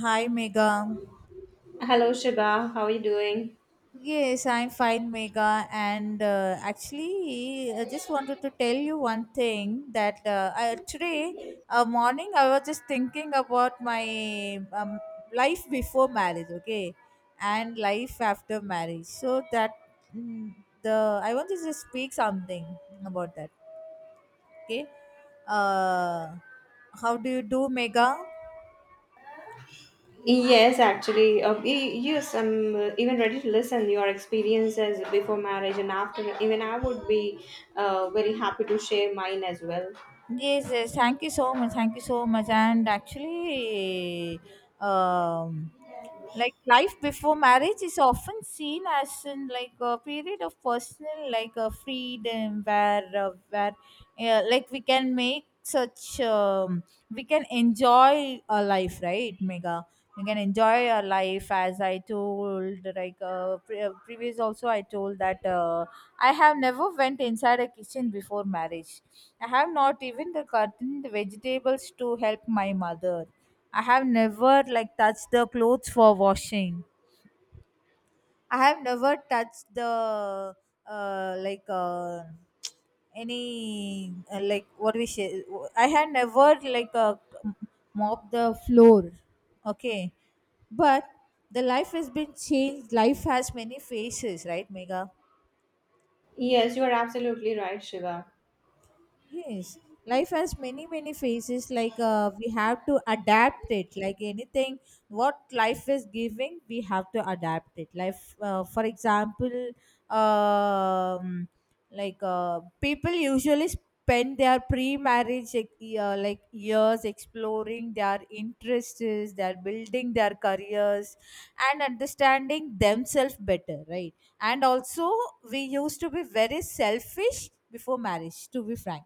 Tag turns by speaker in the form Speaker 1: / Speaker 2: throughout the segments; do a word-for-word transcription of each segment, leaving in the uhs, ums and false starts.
Speaker 1: Hi, Mega.
Speaker 2: Hello, Shiba. How are you doing?
Speaker 1: Yes, I'm fine, Mega. And uh, actually, I just wanted to tell you one thing that uh, I, today uh, morning I was just thinking about my um, life before marriage, okay, and life after marriage. So that mm, the I want to just speak something about that, okay. Uh, how do you do, Mega?
Speaker 2: Yes, actually, uh, y- yes, I'm uh, even ready to listen your experiences before marriage and after. Even I would be uh, very happy to share mine as well.
Speaker 1: Yes, yes, thank you so much. Thank you so much. And actually, um, like life before marriage is often seen as in like a period of personal like a freedom where uh, where uh, like we can make such um, we can enjoy our life, right, Mega? We can enjoy our life as I told like uh, pre- uh, previous also I told that uh, I have never went inside a kitchen before marriage. I have not even the cutting the vegetables to help my mother. I have never like touched the clothes for washing. I have never touched the uh, like uh, any uh, like what we say. I have never like uh, mopped the floor. Okay, but the life has been changed. Life has many faces, right, Mega?
Speaker 2: Yes, you are absolutely right, Shiva.
Speaker 1: Yes, life has many many phases. Like uh, we have to adapt it. Like anything, what life is giving, we have to adapt it. Life, uh, for example, um, like uh, people usually spend their pre-marriage like, uh, like years exploring their interests, they're building their careers, and understanding themselves better, right? And also, we used to be very selfish before marriage to be frank,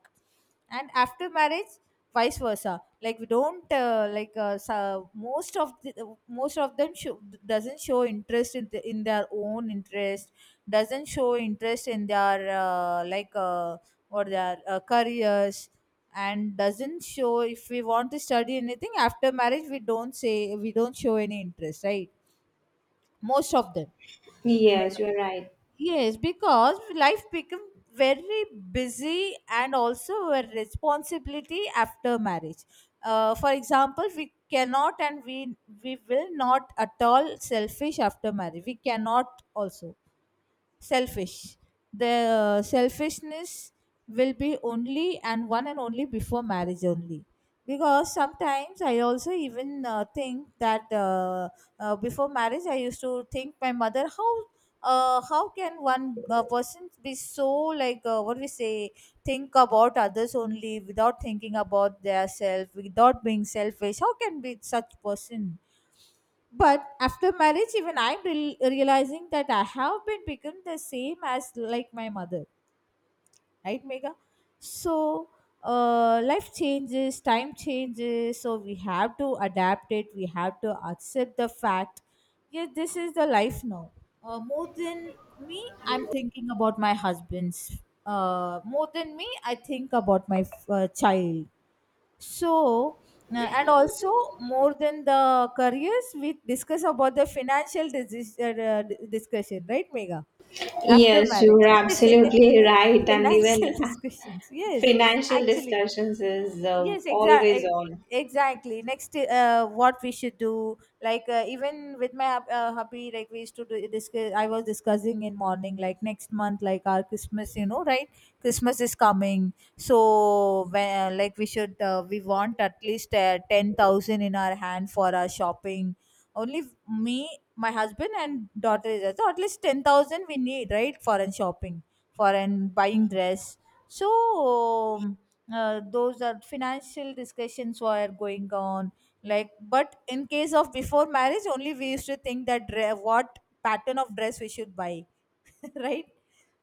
Speaker 1: and after marriage vice versa, like we don't uh, like uh, so most of the, most of them show, doesn't show interest in, the, in their own interest, doesn't show interest in their uh, like uh, or their uh, careers, and doesn't show if we want to study anything after marriage, we don't say, we don't show any interest, right? Most of them.
Speaker 2: Yes, you are right.
Speaker 1: Yes, because life became very busy and also a responsibility after marriage. Uh, for example, we cannot and we we will not at all selfish after marriage. We cannot also selfish. The uh, selfishness will be only and one and only before marriage only. Because sometimes I also even uh, think that uh, uh, before marriage I used to think my mother, how uh, how can one uh, person be so like uh, what we say, think about others only without thinking about their self, without being selfish. How can be such person? But after marriage even I'm real realizing that I have been become the same as like my mother, right, Mega? So uh, life changes, time changes, so we have to adapt it, we have to accept the fact. Yeah, this is the life now. Uh, more than me, I'm thinking about my husband's, uh, more than me, I think about my uh, child. So uh, and also, more than the careers, we discuss about the financial dis- uh, uh, discussion, right, Mega? After
Speaker 2: Yes, you are
Speaker 1: marriage
Speaker 2: absolutely right. And even
Speaker 1: financial discussions, yes,
Speaker 2: financial
Speaker 1: actually,
Speaker 2: discussions is uh,
Speaker 1: yes,
Speaker 2: always
Speaker 1: exactly,
Speaker 2: on.
Speaker 1: exactly. Next uh, what we should do, like uh, even with my hub- uh, hubby, like we used to do discuss. I was discussing in morning, like next month, like our Christmas, you know, right? Christmas is coming, so when, uh, like we should uh, we want at least uh, ten thousand in our hand for our shopping only. Me, my husband and daughter is there, so at least ten thousand we need, right, for an shopping, for an buying dress. So uh, those are financial discussions were going on. Like, but in case of before marriage only we used to think that dre- what pattern of dress we should buy. Right,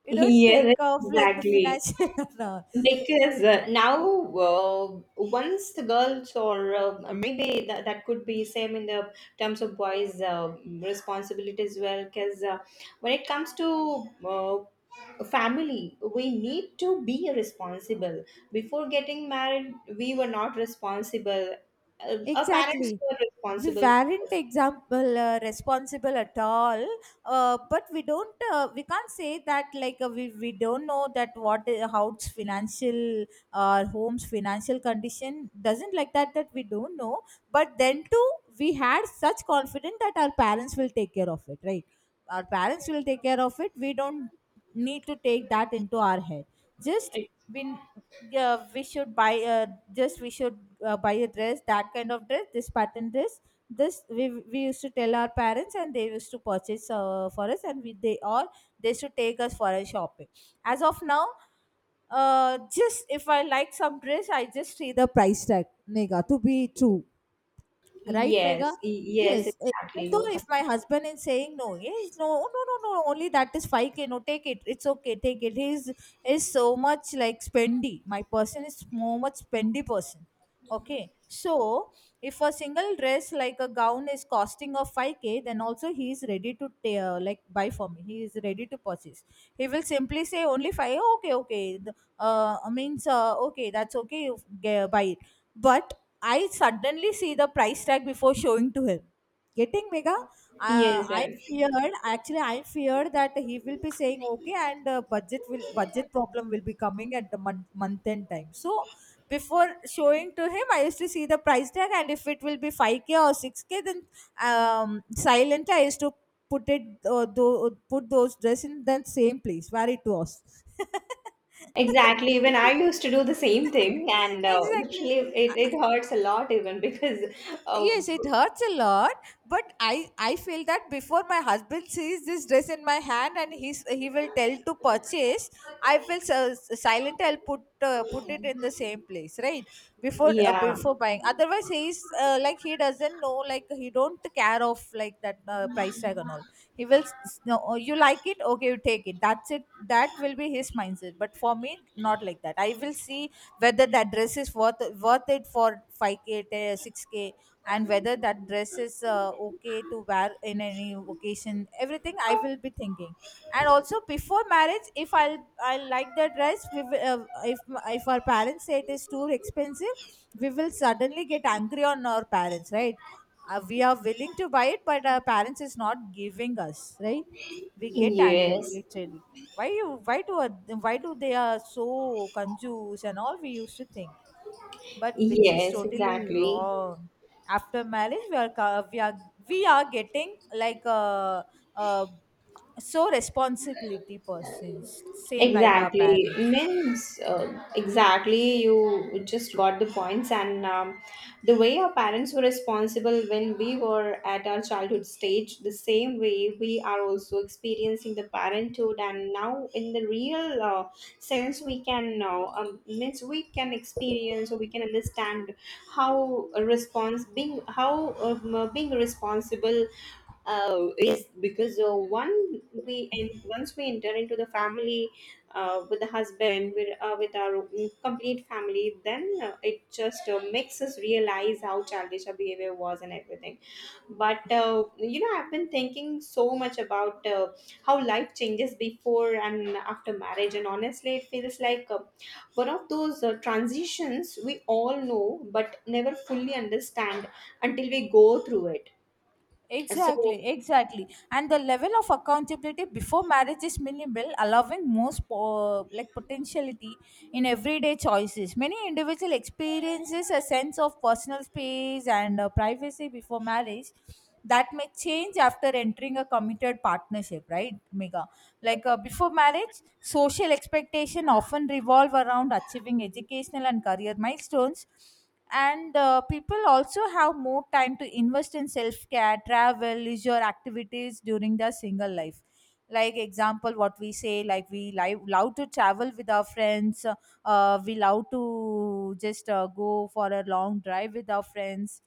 Speaker 1: we don't think
Speaker 2: Yes,
Speaker 1: of like the
Speaker 2: exactly.
Speaker 1: financial no.
Speaker 2: Because uh, now, uh, once the girls or uh, maybe that, that could be same in the terms of boys' uh, responsibility as well. Because uh, when it comes to uh, family, we need to be responsible. Before getting married, we were not responsible. Uh, our parents
Speaker 1: Exactly.
Speaker 2: were
Speaker 1: We
Speaker 2: responsible.
Speaker 1: weren't example uh, responsible at all, uh, but we don't. Uh, we can't say that like uh, we, we don't know that what uh, how it's financial or home's financial condition, doesn't like that, that we don't know. But then too, we had such confidence that our parents will take care of it, right? Our parents will take care of it. We don't need to take that into our head. Just we yeah we should buy uh, just we should uh, buy a dress, that kind of dress, this pattern dress. This we, we used to tell our parents and they used to purchase uh, for us, and we they all, they should take us for a shopping. As of now, uh, just if I like some dress, I just see the price tag, Nega, to be true. Right, Mega?
Speaker 2: Yes, y- yes,
Speaker 1: Yes. eh,
Speaker 2: exactly.
Speaker 1: Even
Speaker 2: You were
Speaker 1: though
Speaker 2: com-
Speaker 1: if my husband is saying no, yes, no, no, no, no, only that is five k, no, take it, it's okay, take it. He's Is so much like spendy. My person is so much spendy person. Okay. So if a single dress like a gown is costing of five k, then also he is ready to ta- uh, like buy for me. He is ready to purchase. He will simply say only five, okay, okay, the- uh, means, uh, okay, that's okay, you get, buy it, but I suddenly see the price tag before showing to him. Getting mega, uh,
Speaker 2: yes,
Speaker 1: I
Speaker 2: I
Speaker 1: feared, actually I feared that he will be saying okay and uh, budget will budget problem will be coming at the month month end time. So before showing to him, I used to see the price tag, and if it will be five k or six k, then um, silently I used to put it uh, tho- put those dress in the same place where it was.
Speaker 2: Exactly. Even I used to do the same thing, and uh,
Speaker 1: Exactly,
Speaker 2: literally, it, it hurts a lot, even because, uh,
Speaker 1: yes, it hurts a lot. But i i feel that before my husband sees this dress in my hand and he's he will tell to purchase, I will s- silent, I'll put uh, put it in the same place, right? Before uh,
Speaker 2: yeah,
Speaker 1: before buying, otherwise he's uh, like he doesn't know, like he don't care of like that uh, price tag and all. He will s- no, oh, you like it, okay, you take it, that's it. That will be his mindset. But for me, not like that, I will see whether that dress is worth worth it for five k, six k, and whether that dress is uh, okay to wear in any occasion, everything I will be thinking. And also before marriage if i'll I like the dress, we will, uh, if if our parents say it is too expensive, we will suddenly get angry on our parents, right? Uh, we are willing to buy it, but our parents is not giving us, right? We get angry
Speaker 2: yes,
Speaker 1: literally. why you why do why do they are so confused and all, we used to think, but which is
Speaker 2: yes,
Speaker 1: totally
Speaker 2: exactly.
Speaker 1: wrong. After marriage we are ca- we are we are getting like a, a so responsibility persons, same like our
Speaker 2: Exactly.
Speaker 1: parents.
Speaker 2: Means, uh, exactly, you just got the points. And um, the way our parents were responsible when we were at our childhood stage, the same way we are also experiencing the parenthood. And now, in the real uh, sense, we can know, um, means we can experience or we can understand how a response being, how um, uh, being responsible uh, is because uh, one we and once we enter into the family uh, with the husband with, uh, with our mm, complete family, then uh, it just uh, makes us realize how childish our behavior was and everything. But uh, you know, I've been thinking so much about uh, how life changes before and after marriage, and honestly it feels like uh, one of those uh, transitions we all know but never fully understand until we go through it. So
Speaker 1: Exactly, exactly. And the level of accountability before marriage is minimal, allowing most po- like potentiality in everyday choices. Many individual experiences a sense of personal space and uh, privacy before marriage that may change after entering a committed partnership, right, Mega? Like uh, before marriage, social expectation often revolve around achieving educational and career milestones, and uh, people also have more time to invest in self-care, travel, leisure activities during their single life. Like example, what we say, like we li- love to travel with our friends, uh, we love to just uh, go for a long drive with our friends,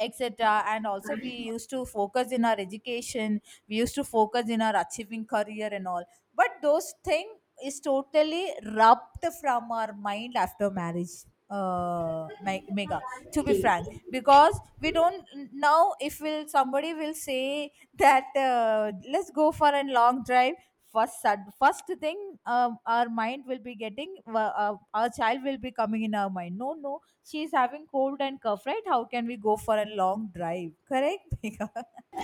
Speaker 1: etc. And also we used to focus in our education, we used to focus in our achieving career and all. But those thing is totally rubbed from our mind after marriage, uh me- Mega, to be frank. Because we don't, now if will somebody will say that uh, let's go for a long drive, first sud- first thing um, our mind will be getting uh, uh, our child will be coming in our mind, no, no, she's having cold and cough, right? How can we go for a long drive? Correct, Megha?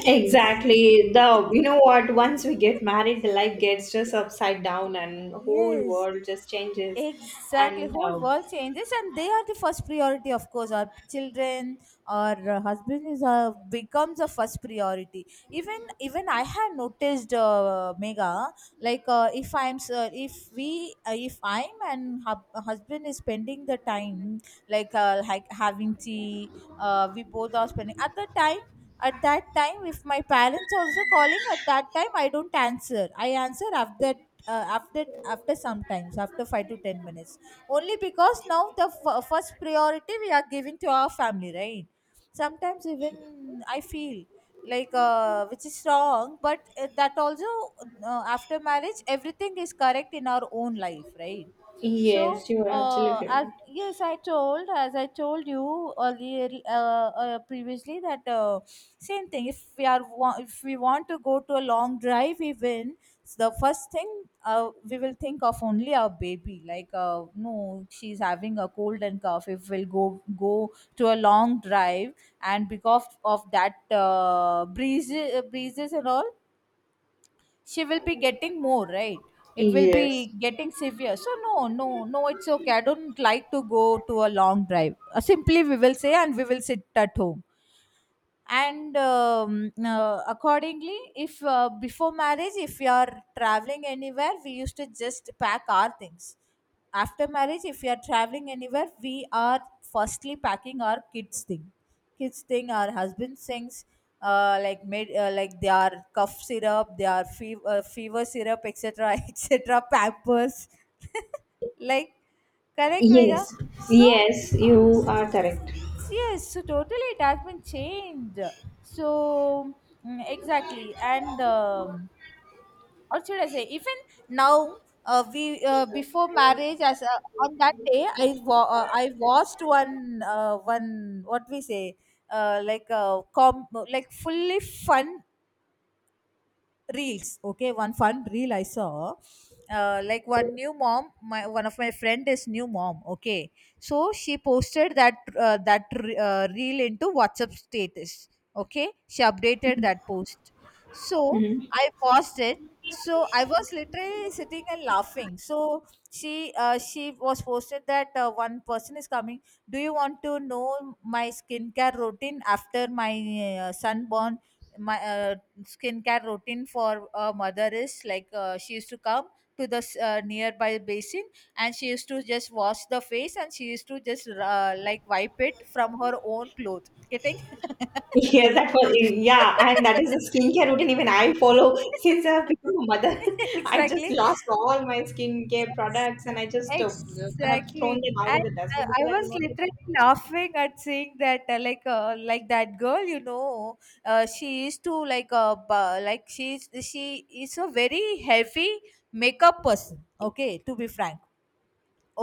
Speaker 2: exactly. The, you know what? Once we get married, the life gets just upside down, and the whole
Speaker 1: Yes.
Speaker 2: world just changes.
Speaker 1: Exactly,
Speaker 2: And
Speaker 1: whole
Speaker 2: uh,
Speaker 1: world changes, and they are the first priority, of course. Our children, our uh, husband is uh, becomes a first priority. Even even I have noticed, uh, Mega, like uh, if I'm uh, if we uh, if I'm and hub- husband is spending the time, like uh, like having tea, uh, we both are spending at the time. At that time, if my parents also calling, at that time I don't answer. I answer after uh, after after sometimes after five to ten minutes only, because now the f- first priority we are giving to our family, right? Sometimes even I feel like uh, which is wrong, but uh, that also uh, after marriage everything is correct in our own life, right? So,
Speaker 2: yes, you are
Speaker 1: uh,
Speaker 2: absolutely
Speaker 1: as
Speaker 2: right.
Speaker 1: yes, I told, as I told you earlier uh, uh, previously that uh, same thing. If we are wa- if we want to go to a long drive, even s- the first thing uh, we will think of only our baby. Like, uh, no, she's having a cold and cough. If we'll go go to a long drive, and because of that uh, breezes breezes and all, she will be getting more, right? It will be
Speaker 2: Yes,
Speaker 1: getting severe, so no no no it's okay, I don't like to go to a long drive. Uh, simply we will say and we will sit at home. And um, uh, accordingly, if uh, before marriage, if you are traveling anywhere, we used to just pack our things. After marriage, if you are traveling anywhere, we are firstly packing our kids thing kids thing our husband' things, uh, like made, uh, like their cough syrup, their fever, uh, fever syrup, etc. etc, pampers. Like, correct, Mega.
Speaker 2: yes,
Speaker 1: So
Speaker 2: yes. You are correct.
Speaker 1: yes, so totally it has been changed. So, mm, exactly, and um, what should I say? Even now, uh, we uh, before marriage, as uh, on that day, I wa- uh, I watched one, uh, one, what we say, uh, like, uh, com- like fully fun reels. Okay, one fun reel I saw. Uh, like, one new mom, my one of my friend is new mom, okay? So she posted that, uh, that re- uh, reel into WhatsApp status. Okay, she updated that post. So
Speaker 2: Hmm.
Speaker 1: I watched it. So I was literally sitting and laughing. So she uh, she was posted that, uh, one person is coming. Do you want to know my skincare routine after my, uh, son born? My uh, skincare routine for a mother is like, uh, she used to come to the s- uh, nearby basin, and she used to just wash the face, and she used to just uh, like wipe it from her own cloth. Getting?
Speaker 2: Yeah, that was, yeah, and that is a skincare routine even I follow since I've become a mother. I just
Speaker 1: Exactly.
Speaker 2: lost all my skincare products, and I just uh, have thrown
Speaker 1: Exactly.
Speaker 2: them out of
Speaker 1: And
Speaker 2: the
Speaker 1: I,
Speaker 2: dustbin
Speaker 1: I
Speaker 2: because I do
Speaker 1: was
Speaker 2: not.
Speaker 1: literally laughing at seeing that, uh, like uh, like that girl, you know, uh, she is to like, uh, bu- like she is she is a very heavy makeup person, okay, to be frank.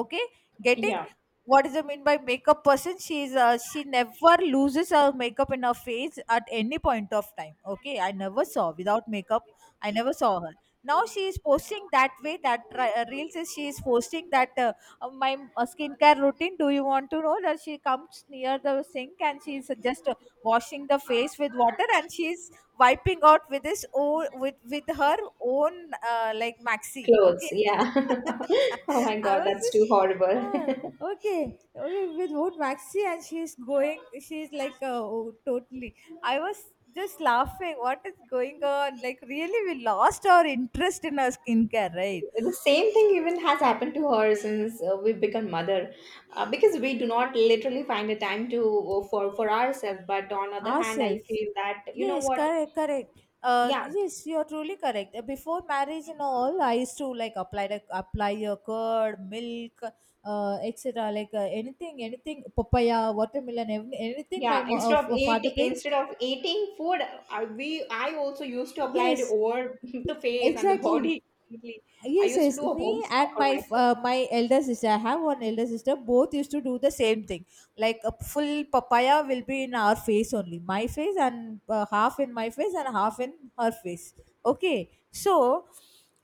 Speaker 1: Okay. Getting?
Speaker 2: Yeah.
Speaker 1: What does I mean by makeup person? She is uh, she never loses her makeup in her face at any point of time, okay? I never saw without makeup, I never saw her. Now she is posting that way, that ri- uh, reels, is she is posting that, uh, uh, my uh, skincare routine, do you want to know? That she comes near the sink and she is just uh, washing the face with water, and she is wiping out with this own, with with her own, uh, like maxi.
Speaker 2: Clothes,
Speaker 1: Okay.
Speaker 2: yeah. Oh my
Speaker 1: I
Speaker 2: god,
Speaker 1: was
Speaker 2: that's too
Speaker 1: just,
Speaker 2: horrible.
Speaker 1: ah, okay, okay, with Vote Maxi, and she's going, she's like, uh, oh, totally. I was just laughing, what is going on? Like, really, we lost our interest in our skincare, right?
Speaker 2: The same thing even has happened to her since uh, we become mother, uh, because we do not literally find a time to uh, for for ourselves, but on other hand I
Speaker 1: Ourselves.
Speaker 2: feel that, you know
Speaker 1: Yes,
Speaker 2: what,
Speaker 1: correct, correct. Uh,
Speaker 2: yeah,
Speaker 1: yes, you are truly correct. Uh, Before marriage and all, I used to like apply the apply your curd, milk, uh, etcetera. Like, uh, anything, anything, papaya, watermelon, ev- anything my
Speaker 2: yeah,
Speaker 1: mo-
Speaker 2: instead of
Speaker 1: uh, f- father
Speaker 2: eat,
Speaker 1: brings.
Speaker 2: instead of eating food, I, we, I also used to apply it
Speaker 1: Yes,
Speaker 2: over the face and the
Speaker 1: exactly.
Speaker 2: body completely. I
Speaker 1: Yes,
Speaker 2: used
Speaker 1: yes.
Speaker 2: to do a
Speaker 1: Me
Speaker 2: home spa
Speaker 1: and
Speaker 2: for
Speaker 1: my
Speaker 2: myself.
Speaker 1: uh, my elder sister, I have one elder sister. Both used to do the same thing. Like a full papaya will be in our face only, my face and uh, half in my face and half in her face. Okay, so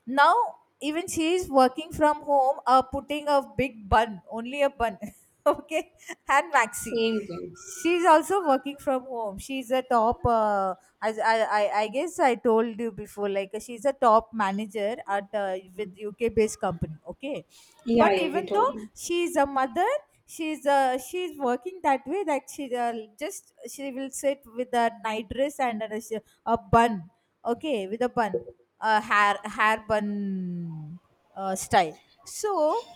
Speaker 1: now even she is working from home, uh, putting a big bun, only a bun, okay, and maxi.
Speaker 2: Same thing.
Speaker 1: She's also working from home. She's a top, uh, as I, I I guess I told you before, like she's a top manager at uh, with U K based company. Okay,
Speaker 2: Yeah,
Speaker 1: but
Speaker 2: yeah, we
Speaker 1: even though
Speaker 2: told you.
Speaker 1: she's a mother, she's uh, she's working that way, that she uh, just she will sit with a night dress and a, sh- a bun. Okay, with a bun, a hair hair bun, uh, style. So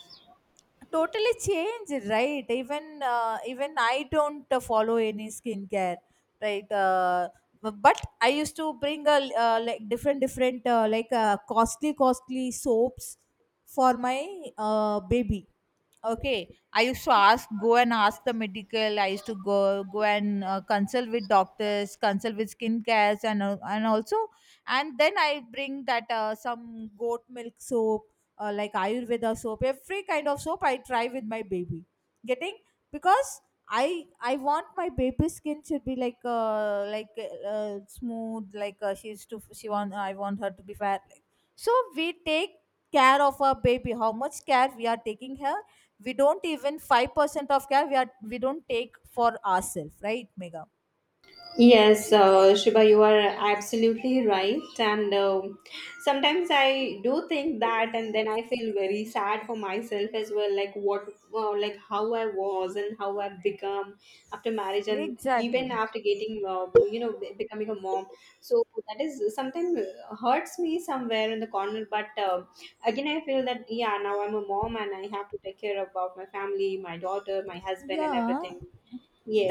Speaker 1: totally changed, right? Even uh, even I don't uh, follow any skincare, right? Uh, bu- but I used to bring a l- uh, like different different uh, like uh, costly costly soaps for my uh, baby. Okay, I used to ask, go and ask the medical. I used to go go and uh, consult with doctors, consult with skin cares, and uh, and also, and then I bring that, uh, some goat milk soap, uh, like Ayurveda soap, every kind of soap I try with my baby. Getting? Because I I want my baby skin should be like, uh like uh, smooth, like, uh, she's to she want I want her to be fair. So we take care of our baby. How much care we are taking her, we don't even five percent of care, we are we don't take for ourselves, right, Mega?
Speaker 2: Yes, uh, Shiva, you are absolutely right. And um sometimes I do think that, and then I feel very sad for myself as well. Like, what, wow, like how I was and how I've become after marriage, and even
Speaker 1: Exactly.
Speaker 2: after getting, uh, you know, be- becoming a mom. So that is sometimes hurts me somewhere in the corner. But uh, again, I feel that yeah, now I'm a mom and I have to take care about my family, my daughter, my husband, and
Speaker 1: Yeah,
Speaker 2: everything.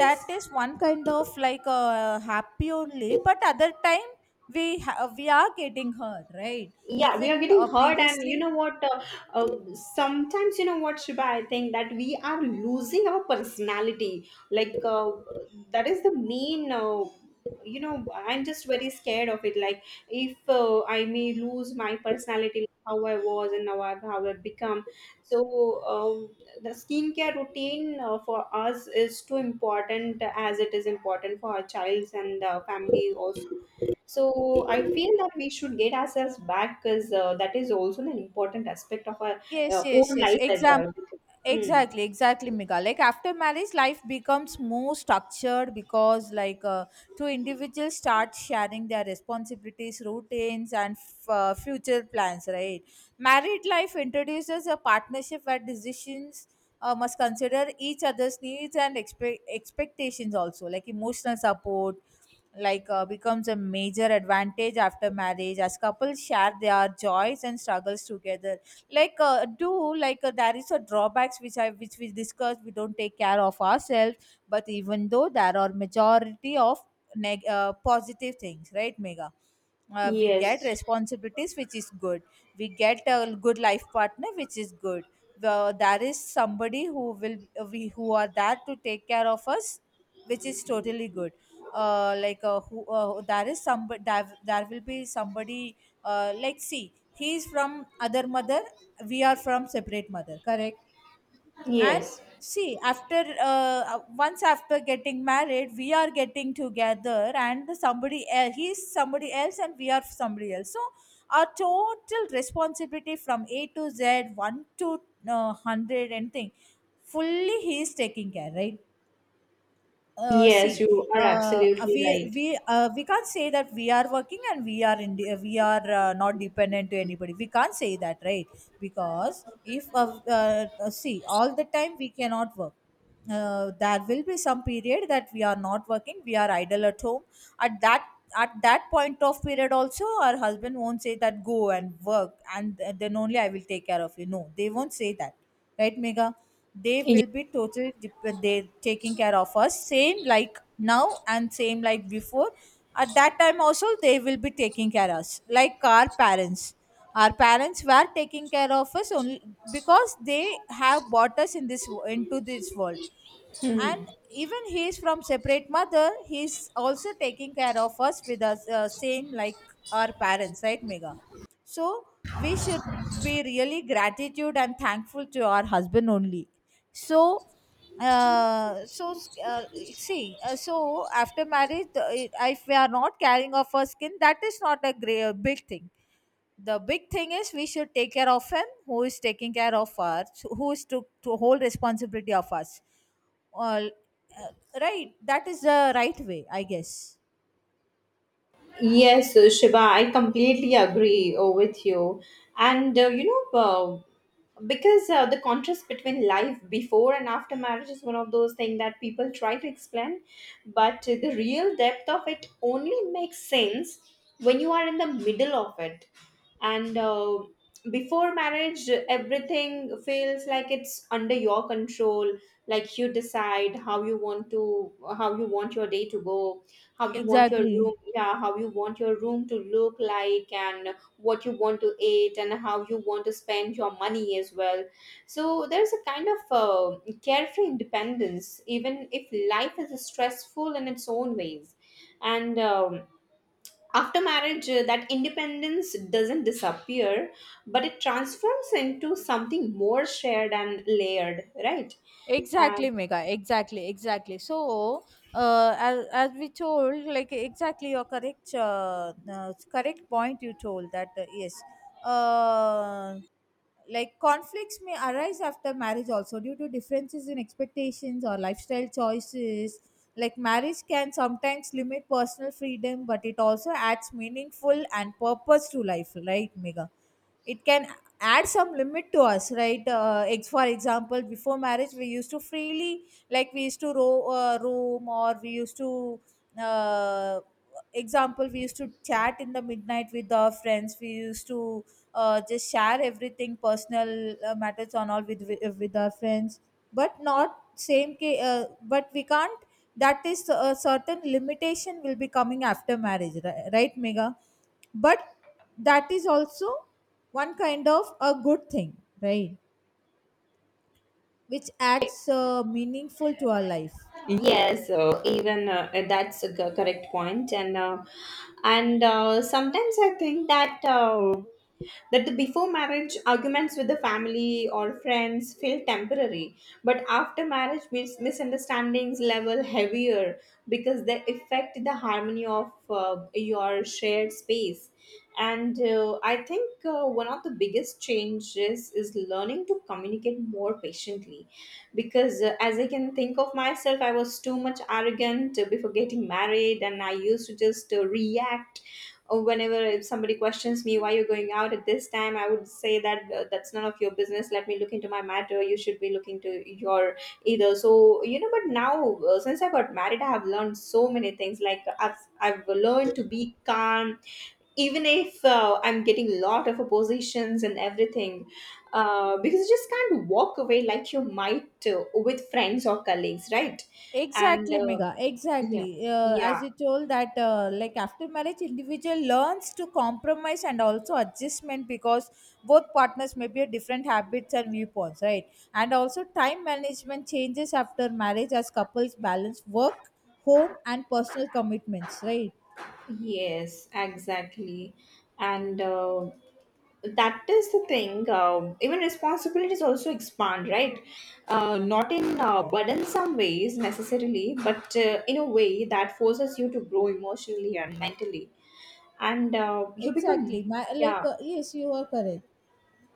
Speaker 1: that is one kind of like a happy only, but other time we ha- we are getting hurt, right?
Speaker 2: Yeah, we are
Speaker 1: Even
Speaker 2: getting
Speaker 1: uh,
Speaker 2: hurt, and you
Speaker 1: previously,
Speaker 2: know what, uh, uh, sometimes, you know what, Shiba, I think that we are losing our personality, like uh, that is the main uh, you know, I'm just very scared of it. Like, if uh, I may lose my personality, like how I was and now I- how I've become. So um, the skincare routine uh, for us is too important, as it is important for our childs and uh, family also. So I feel that we should get ourselves back because uh, that is also an important aspect of our
Speaker 1: yes,
Speaker 2: uh,
Speaker 1: yes,
Speaker 2: own
Speaker 1: yes.
Speaker 2: life as
Speaker 1: Exam
Speaker 2: well. Mm.
Speaker 1: Exactly, exactly, Mika. Like after marriage, life becomes more structured, because like, uh, two individuals start sharing their responsibilities, routines, and f- uh, future plans, right? Married life introduces a partnership where decisions Uh, must consider each other's needs and expe- expectations also. Like emotional support, like, uh, becomes a major advantage after marriage, as couples share their joys and struggles together. Like, uh, do like uh, there is a drawbacks, which I, which we discussed, we don't take care of ourselves, but even though there are majority of neg- uh, positive things, right, Mega? Uh, we get
Speaker 2: Yes,
Speaker 1: responsibilities, which is good. We get a good life partner, which is good. The, there is somebody who will, uh, we who are there to take care of us, which is totally good. Uh, like uh, who uh, There is somebody there, there will be somebody, uh, like, see, he is from other mother, we are from separate mother, correct? And
Speaker 2: yes,
Speaker 1: see, after uh, once after getting married, we are getting together, and the somebody else, he's somebody else and we are somebody else. So our total responsibility from A to Z, one to uh, one hundred, anything, fully he is taking care, right? Uh,
Speaker 2: yes,
Speaker 1: see,
Speaker 2: you are
Speaker 1: uh,
Speaker 2: absolutely
Speaker 1: we
Speaker 2: right.
Speaker 1: we uh, we can't say that we are working and we are in, we are uh, not dependent to anybody, we can't say that, right? Because if uh, uh, uh, see, all the time we cannot work, uh, there will be some period that we are not working, we are idle at home. At that, at that point of period also, our husband won't say that go and work and then only I will take care of you. No, they won't say that, right, Mega? They
Speaker 2: Yes.
Speaker 1: will be totally dep- they taking care of us, same like now and same like before. At that time also they will be taking care of us like our parents. Our parents were taking care of us only, because they have brought us in this wo- into this world. And
Speaker 2: Mm.
Speaker 1: even he is from separate mother, he is also taking care of us with us, uh, same like our parents, right, Mega? So we should be really gratitude and thankful to our husband only. So, uh, so uh, see, uh, so after marriage, the- if we are not caring of our skin, that is not a great, big thing. The big thing is we should take care of him who is taking care of us, who is to, to hold responsibility of us all, uh, right? That is the right way, I guess.
Speaker 2: Yes, uh, Shiva, I completely agree uh, with you. And uh, you know, uh, because uh, the contrast between life before and after marriage is one of those things that people try to explain, but uh, the real depth of it only makes sense when you are in the middle of it. And uh, before marriage, everything feels like it's under your control, like you decide how you want to, how you want your day to go, how you want your
Speaker 1: Exactly.
Speaker 2: room, yeah, how you want your room to look like, and what you want to eat and how you want to spend your money as well. So there's a kind of uh, carefree independence, even if life is stressful in its own ways. And um, after marriage, uh, that independence doesn't disappear, but it transforms into something more shared and layered, right?
Speaker 1: Exactly, Mega, exactly, exactly. So, uh, as, as we told, like, exactly your correct, uh, uh, correct point you told that, uh, yes, uh, like conflicts may arise after marriage also due to differences in expectations or lifestyle choices. Like marriage can sometimes limit personal freedom, but it also adds meaningful and purpose to life, right, Mega? It can add some limit to us, right? Uh, ex- for example, before marriage, we used to freely, like we used to ro- uh, roam, or we used to, uh, example, we used to chat in the midnight with our friends, we used to uh, just share everything personal, uh, matters on all with with with our friends, but not same ca- uh, but we can't, that is a certain limitation will be coming after marriage, ri- right, Mega? But that is also one kind of a good thing, right? Which adds uh, meaningful to our life.
Speaker 2: Yes, so even uh, that's a co- correct point, and uh, and uh, sometimes I think that uh, that the before marriage arguments with the family or friends feel temporary, but after marriage mis- misunderstandings level heavier because they affect the harmony of uh, your shared space. And uh, I think uh, one of the biggest changes is learning to communicate more patiently, because uh, as I can think of myself, I was too much arrogant before getting married, and I used to just uh, react, or whenever if somebody questions me why you're going out at this time, I would say that uh, that's none of your business, let me look into my matter, you should be looking to your either. So you know, but now uh, since I got married, I have learned so many things. Like i've i've learned to be calm even if uh, I'm getting lot of oppositions and everything, uh, because you just can't walk away like you might uh, with friends or colleagues, right? And
Speaker 1: Exactly,
Speaker 2: uh,
Speaker 1: Mega,
Speaker 2: yeah,
Speaker 1: exactly, uh, as
Speaker 2: yeah,
Speaker 1: you told that, uh, like after marriage individual learns to compromise and also adjustment, because both partners may be a different habits and viewpoints, right? And also time management changes after marriage as couples balance work, home and personal commitments, right?
Speaker 2: yes, exactly. And uh, that is the thing. Uh, even responsibilities also expand, right? Uh, not in uh, burdensome ways necessarily, but uh, in a way that forces you to grow emotionally and mentally, and uh, you become
Speaker 1: Exactly, my, like,
Speaker 2: yeah.
Speaker 1: uh, yes, you are correct.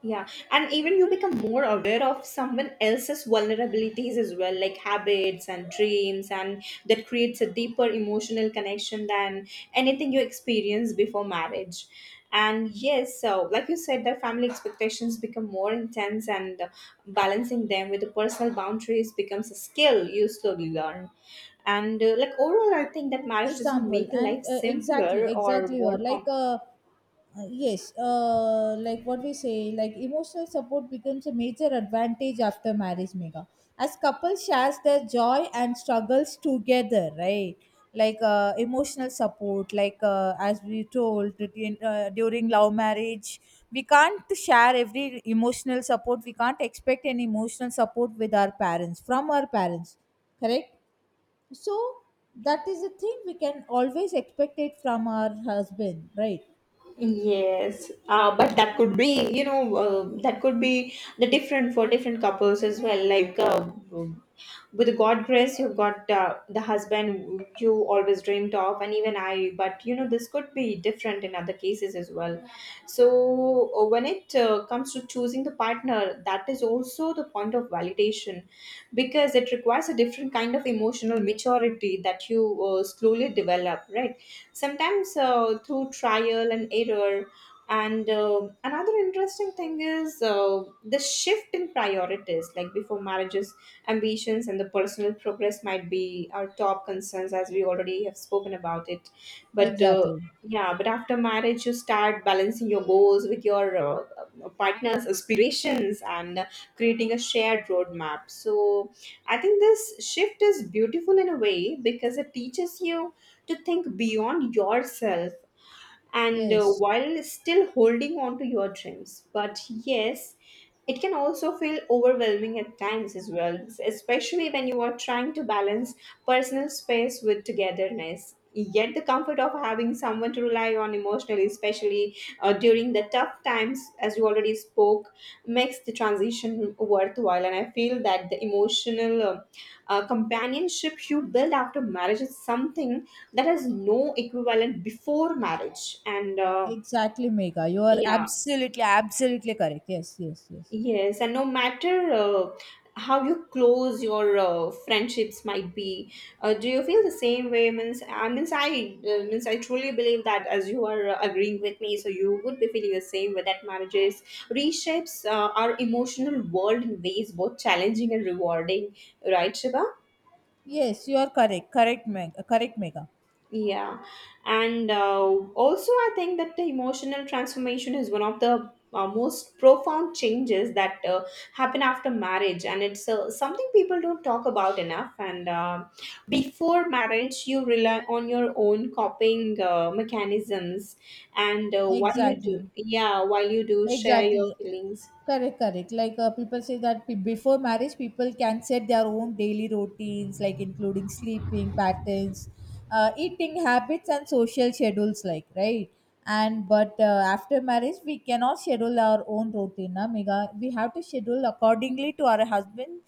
Speaker 2: Yeah, and even you become more aware of someone else's vulnerabilities as well, like habits and dreams, and that creates a deeper emotional connection than anything you experience before marriage. And yes, so like you said, that family expectations become more intense, and balancing them with the personal boundaries becomes a skill you slowly learn. And uh, like overall, I think that marriage doesn't
Speaker 1: Example,
Speaker 2: make
Speaker 1: and
Speaker 2: life
Speaker 1: uh, exactly,
Speaker 2: simpler or
Speaker 1: exactly, you are
Speaker 2: more
Speaker 1: like,
Speaker 2: complicated.
Speaker 1: uh, uh, yes, uh, like what we say, like emotional support becomes a major advantage after marriage, Mega, as couples shares their joy and struggles together, right? Like, uh, emotional support, like, uh, as we told that in, uh, During love marriage we can't share every emotional support, we can't expect any emotional support with our parents, from our parents. Correct. So that is the thing, we can always expect it from our husband, right?
Speaker 2: Yes, uh, but that could be, you know, uh, that could be the different for different couples as well. Like uh, with God grace, you've got uh, the husband you always dreamed of, and even I. But you know, this could be different in other cases as well. So uh, when it uh, comes to choosing the partner, that is also the point of validation, because it requires a different kind of emotional maturity that you uh, slowly develop, right? Sometimes uh, through trial and error. And uh, another interesting thing is uh, the shift in priorities, like before marriages, ambitions and the personal progress might be our top concerns, as we already have spoken about it. But uh,
Speaker 1: Exactly,
Speaker 2: yeah, but after marriage you start balancing your goals with your uh, uh, partner's aspirations, and uh, creating a shared roadmap. So I think this shift is beautiful in a way because it teaches you to think beyond yourself, and uh,
Speaker 1: yes,
Speaker 2: while still holding on to your dreams. But yes, it can also feel overwhelming at times as well, especially when you are trying to balance personal space with togetherness. Yet, the comfort of having someone to rely on emotionally, especially uh, during the tough times, as you already spoke, makes the transition worthwhile. And I feel that the emotional uh, uh, companionship you build after marriage is something that has no equivalent before marriage. And uh,
Speaker 1: exactly, Mega, you are
Speaker 2: yeah.
Speaker 1: absolutely absolutely correct. Yes, yes, yes.
Speaker 2: Yes, and no matter uh, how you close your uh, friendships might be, uh, do you feel the same way? Means, I, means I uh, means I truly believe that, as you are uh, agreeing with me, so you would be feeling the same way, that marriages reshapes uh, our emotional world in ways both challenging and rewarding, right, Shiva?
Speaker 1: Yes, you are correct, correct, Meg. Correct, Mega.
Speaker 2: Yeah, and uh, also I think that the emotional transformation is one of the uh, most profound changes that uh, happen after marriage, and it's uh, something people don't talk about enough. And uh, before marriage, you rely on your own coping uh, mechanisms, and uh, while you
Speaker 1: Exactly,
Speaker 2: do, yeah, while you do share your
Speaker 1: exactly.
Speaker 2: feelings,
Speaker 1: Correct, correct. Like uh, people say that pe- before marriage, people can set their own daily routines, like including sleeping patterns, uh, eating habits, and social schedules. Like, right. And but uh, after marriage, we cannot schedule our own routine. Na, Megha? We have to schedule accordingly to our husband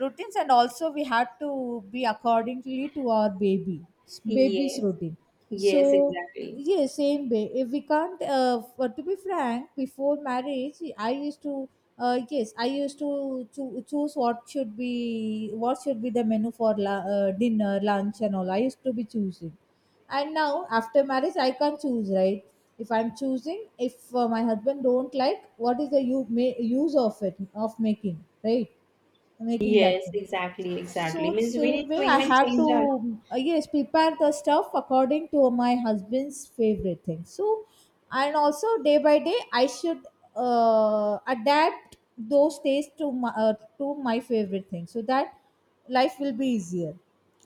Speaker 1: routines, and also we have to be accordingly to our baby, s- baby's
Speaker 2: yes,
Speaker 1: routine. So
Speaker 2: yes, exactly,
Speaker 1: yes, same way. If we can't, uh, f- to be frank, before marriage, I used to, uh, yes, I used to cho- choose what should be what should be the menu for la- uh, dinner, lunch, and all. I used to be choosing, and now after marriage, I can't choose, right. If I'm choosing, if uh, my husband don't like, what is the u- ma- use of it, of making, right, making
Speaker 2: yes,
Speaker 1: that thing?
Speaker 2: exactly, exactly.
Speaker 1: So
Speaker 2: Means we need
Speaker 1: same way,
Speaker 2: to
Speaker 1: I
Speaker 2: even
Speaker 1: have
Speaker 2: change our
Speaker 1: to uh, yes, prepare the stuff according to my husband's favorite thing. So and also day by day, I should uh, adapt those tastes to my uh, to my favorite thing, so that life will be easier.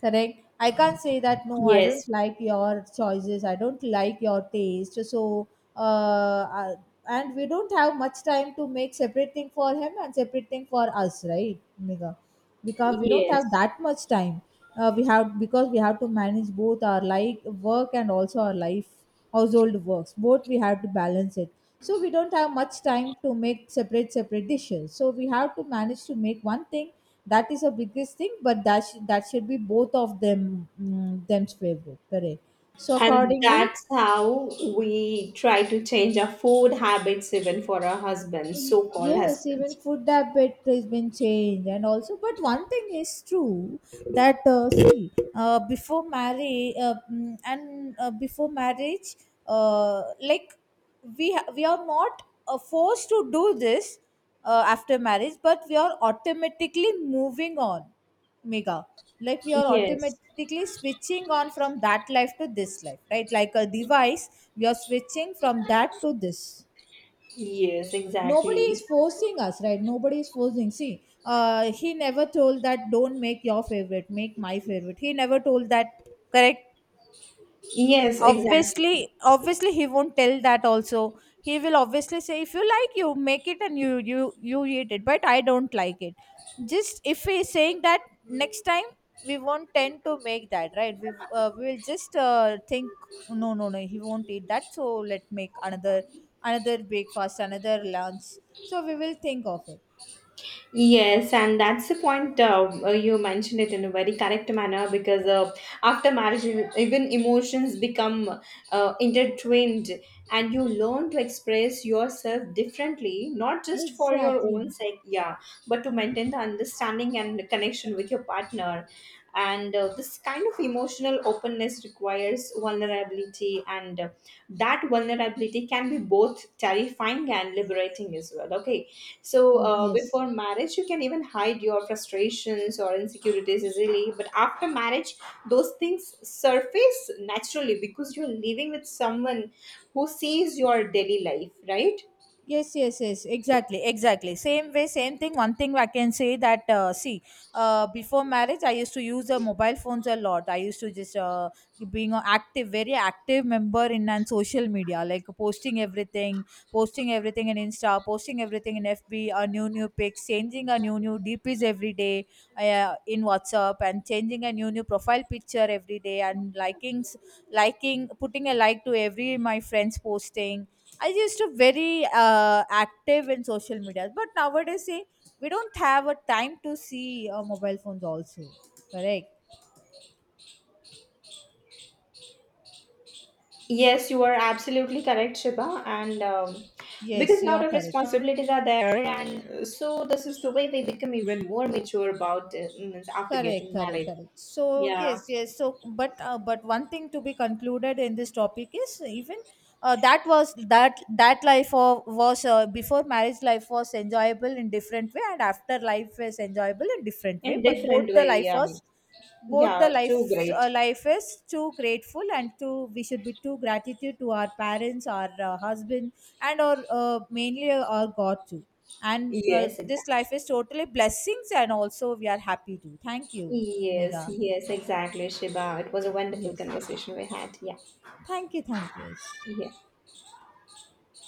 Speaker 1: Correct. I can't say that no, I don't
Speaker 2: yes,
Speaker 1: like your choices, I don't like your taste. So uh, uh, and we don't have much time to make separate thing for him and separate thing for us, right, Mega? Because we don't have
Speaker 2: yes.
Speaker 1: that much time. Uh, we have, because we have to manage both our like work and also our life, household works, both we have to balance it. So we don't have much time to make separate separate dishes, so we have to manage to make one thing. That is a biggest thing, but that sh- that should be both of them mm, them's favorite, correct. So
Speaker 2: And
Speaker 1: accordingly.
Speaker 2: that's how we try to change our food habits even for our husbands,
Speaker 1: Y-
Speaker 2: so-called
Speaker 1: yes, even
Speaker 2: husbands.
Speaker 1: food habit has been changed, and also but one thing is true that uh, see, uh, before marriage uh, mm, and uh, before marriage uh, like, we ha- we are not uh, forced to do this uh, after marriage, but we are automatically moving on, Mega. Like we are
Speaker 2: Yes,
Speaker 1: automatically switching on from that life to this life, right, like a device we are switching from that to this.
Speaker 2: yes,
Speaker 1: Nobody is
Speaker 2: exactly.
Speaker 1: forcing us, right? Nobody is forcing. See, uh, he never told that don't make your favorite, make my favorite. He never told that. Correct.
Speaker 2: Yes,
Speaker 1: obviously
Speaker 2: exactly.
Speaker 1: obviously he won't tell that also. He will obviously say if you like you make it and you you you eat it, but I don't like it. Just if he is saying that, next time we won't tend to make that, right? We uh, we will just uh, think no, no, no, he won't eat that, so let make another, another breakfast, another lunch. So we will think of it.
Speaker 2: Yes, and that's the point. Uh, uh, you mentioned it in a very correct manner because uh, after marriage, e- even emotions become uh, intertwined, and you learn to express yourself differently, not just for your own
Speaker 1: Exactly.
Speaker 2: sake, yeah, but to maintain the understanding and connection with your partner. And uh, this kind of emotional openness requires vulnerability, and uh, that vulnerability can be both terrifying and liberating as well. Okay, so
Speaker 1: Oh,
Speaker 2: uh,
Speaker 1: yes.
Speaker 2: before marriage, you can even hide your frustrations or insecurities easily, but after marriage, those things surface naturally because you're living with someone who sees your daily life, right?
Speaker 1: Yes, yes, yes, exactly, exactly, same way, same thing. One thing I can say that uh, see, uh, before marriage I used to use the mobile phones a lot. I used to just uh, being an active, very active member in and social media, like posting everything, posting everything in insta, posting everything in fb, a new new pics, changing a new new dps every day, uh, in whatsapp, and changing a new new profile picture every day, and likings, liking, putting a like to every my friends posting. I used to very uh, active in social media, but nowadays see, we don't have a time to see uh, mobile phones also. Correct?
Speaker 2: Yes, you are absolutely correct, Shiba. And um, because
Speaker 1: Yes,
Speaker 2: a
Speaker 1: you
Speaker 2: lot
Speaker 1: are
Speaker 2: of
Speaker 1: correct.
Speaker 2: responsibilities are there, and uh, so this is the way they become even more mature about uh, means after
Speaker 1: Correct,
Speaker 2: getting
Speaker 1: correct,
Speaker 2: married.
Speaker 1: correct. So
Speaker 2: Yeah,
Speaker 1: yes, yes. So but uh, but one thing to be concluded in this topic is even uh, that was that that life of, was uh, before marriage life was enjoyable in different way, and after life is enjoyable in different way.
Speaker 2: in
Speaker 1: But
Speaker 2: different
Speaker 1: both the
Speaker 2: way.
Speaker 1: life
Speaker 2: Yeah,
Speaker 1: was, both the
Speaker 2: yeah,
Speaker 1: life
Speaker 2: too
Speaker 1: uh,
Speaker 2: great.
Speaker 1: life is too grateful, and too we should be too gratitude to our parents, our uh, husband, and our uh, mainly our God too. And uh,
Speaker 2: Yes,
Speaker 1: this
Speaker 2: exactly.
Speaker 1: life is totally blessings, and also we are happy too. Thank you,
Speaker 2: Yes,
Speaker 1: Mega.
Speaker 2: yes, exactly, Shiba. It was a wonderful
Speaker 1: Yes,
Speaker 2: conversation we had. Yeah,
Speaker 1: thank you, thank you Yes.
Speaker 2: yeah.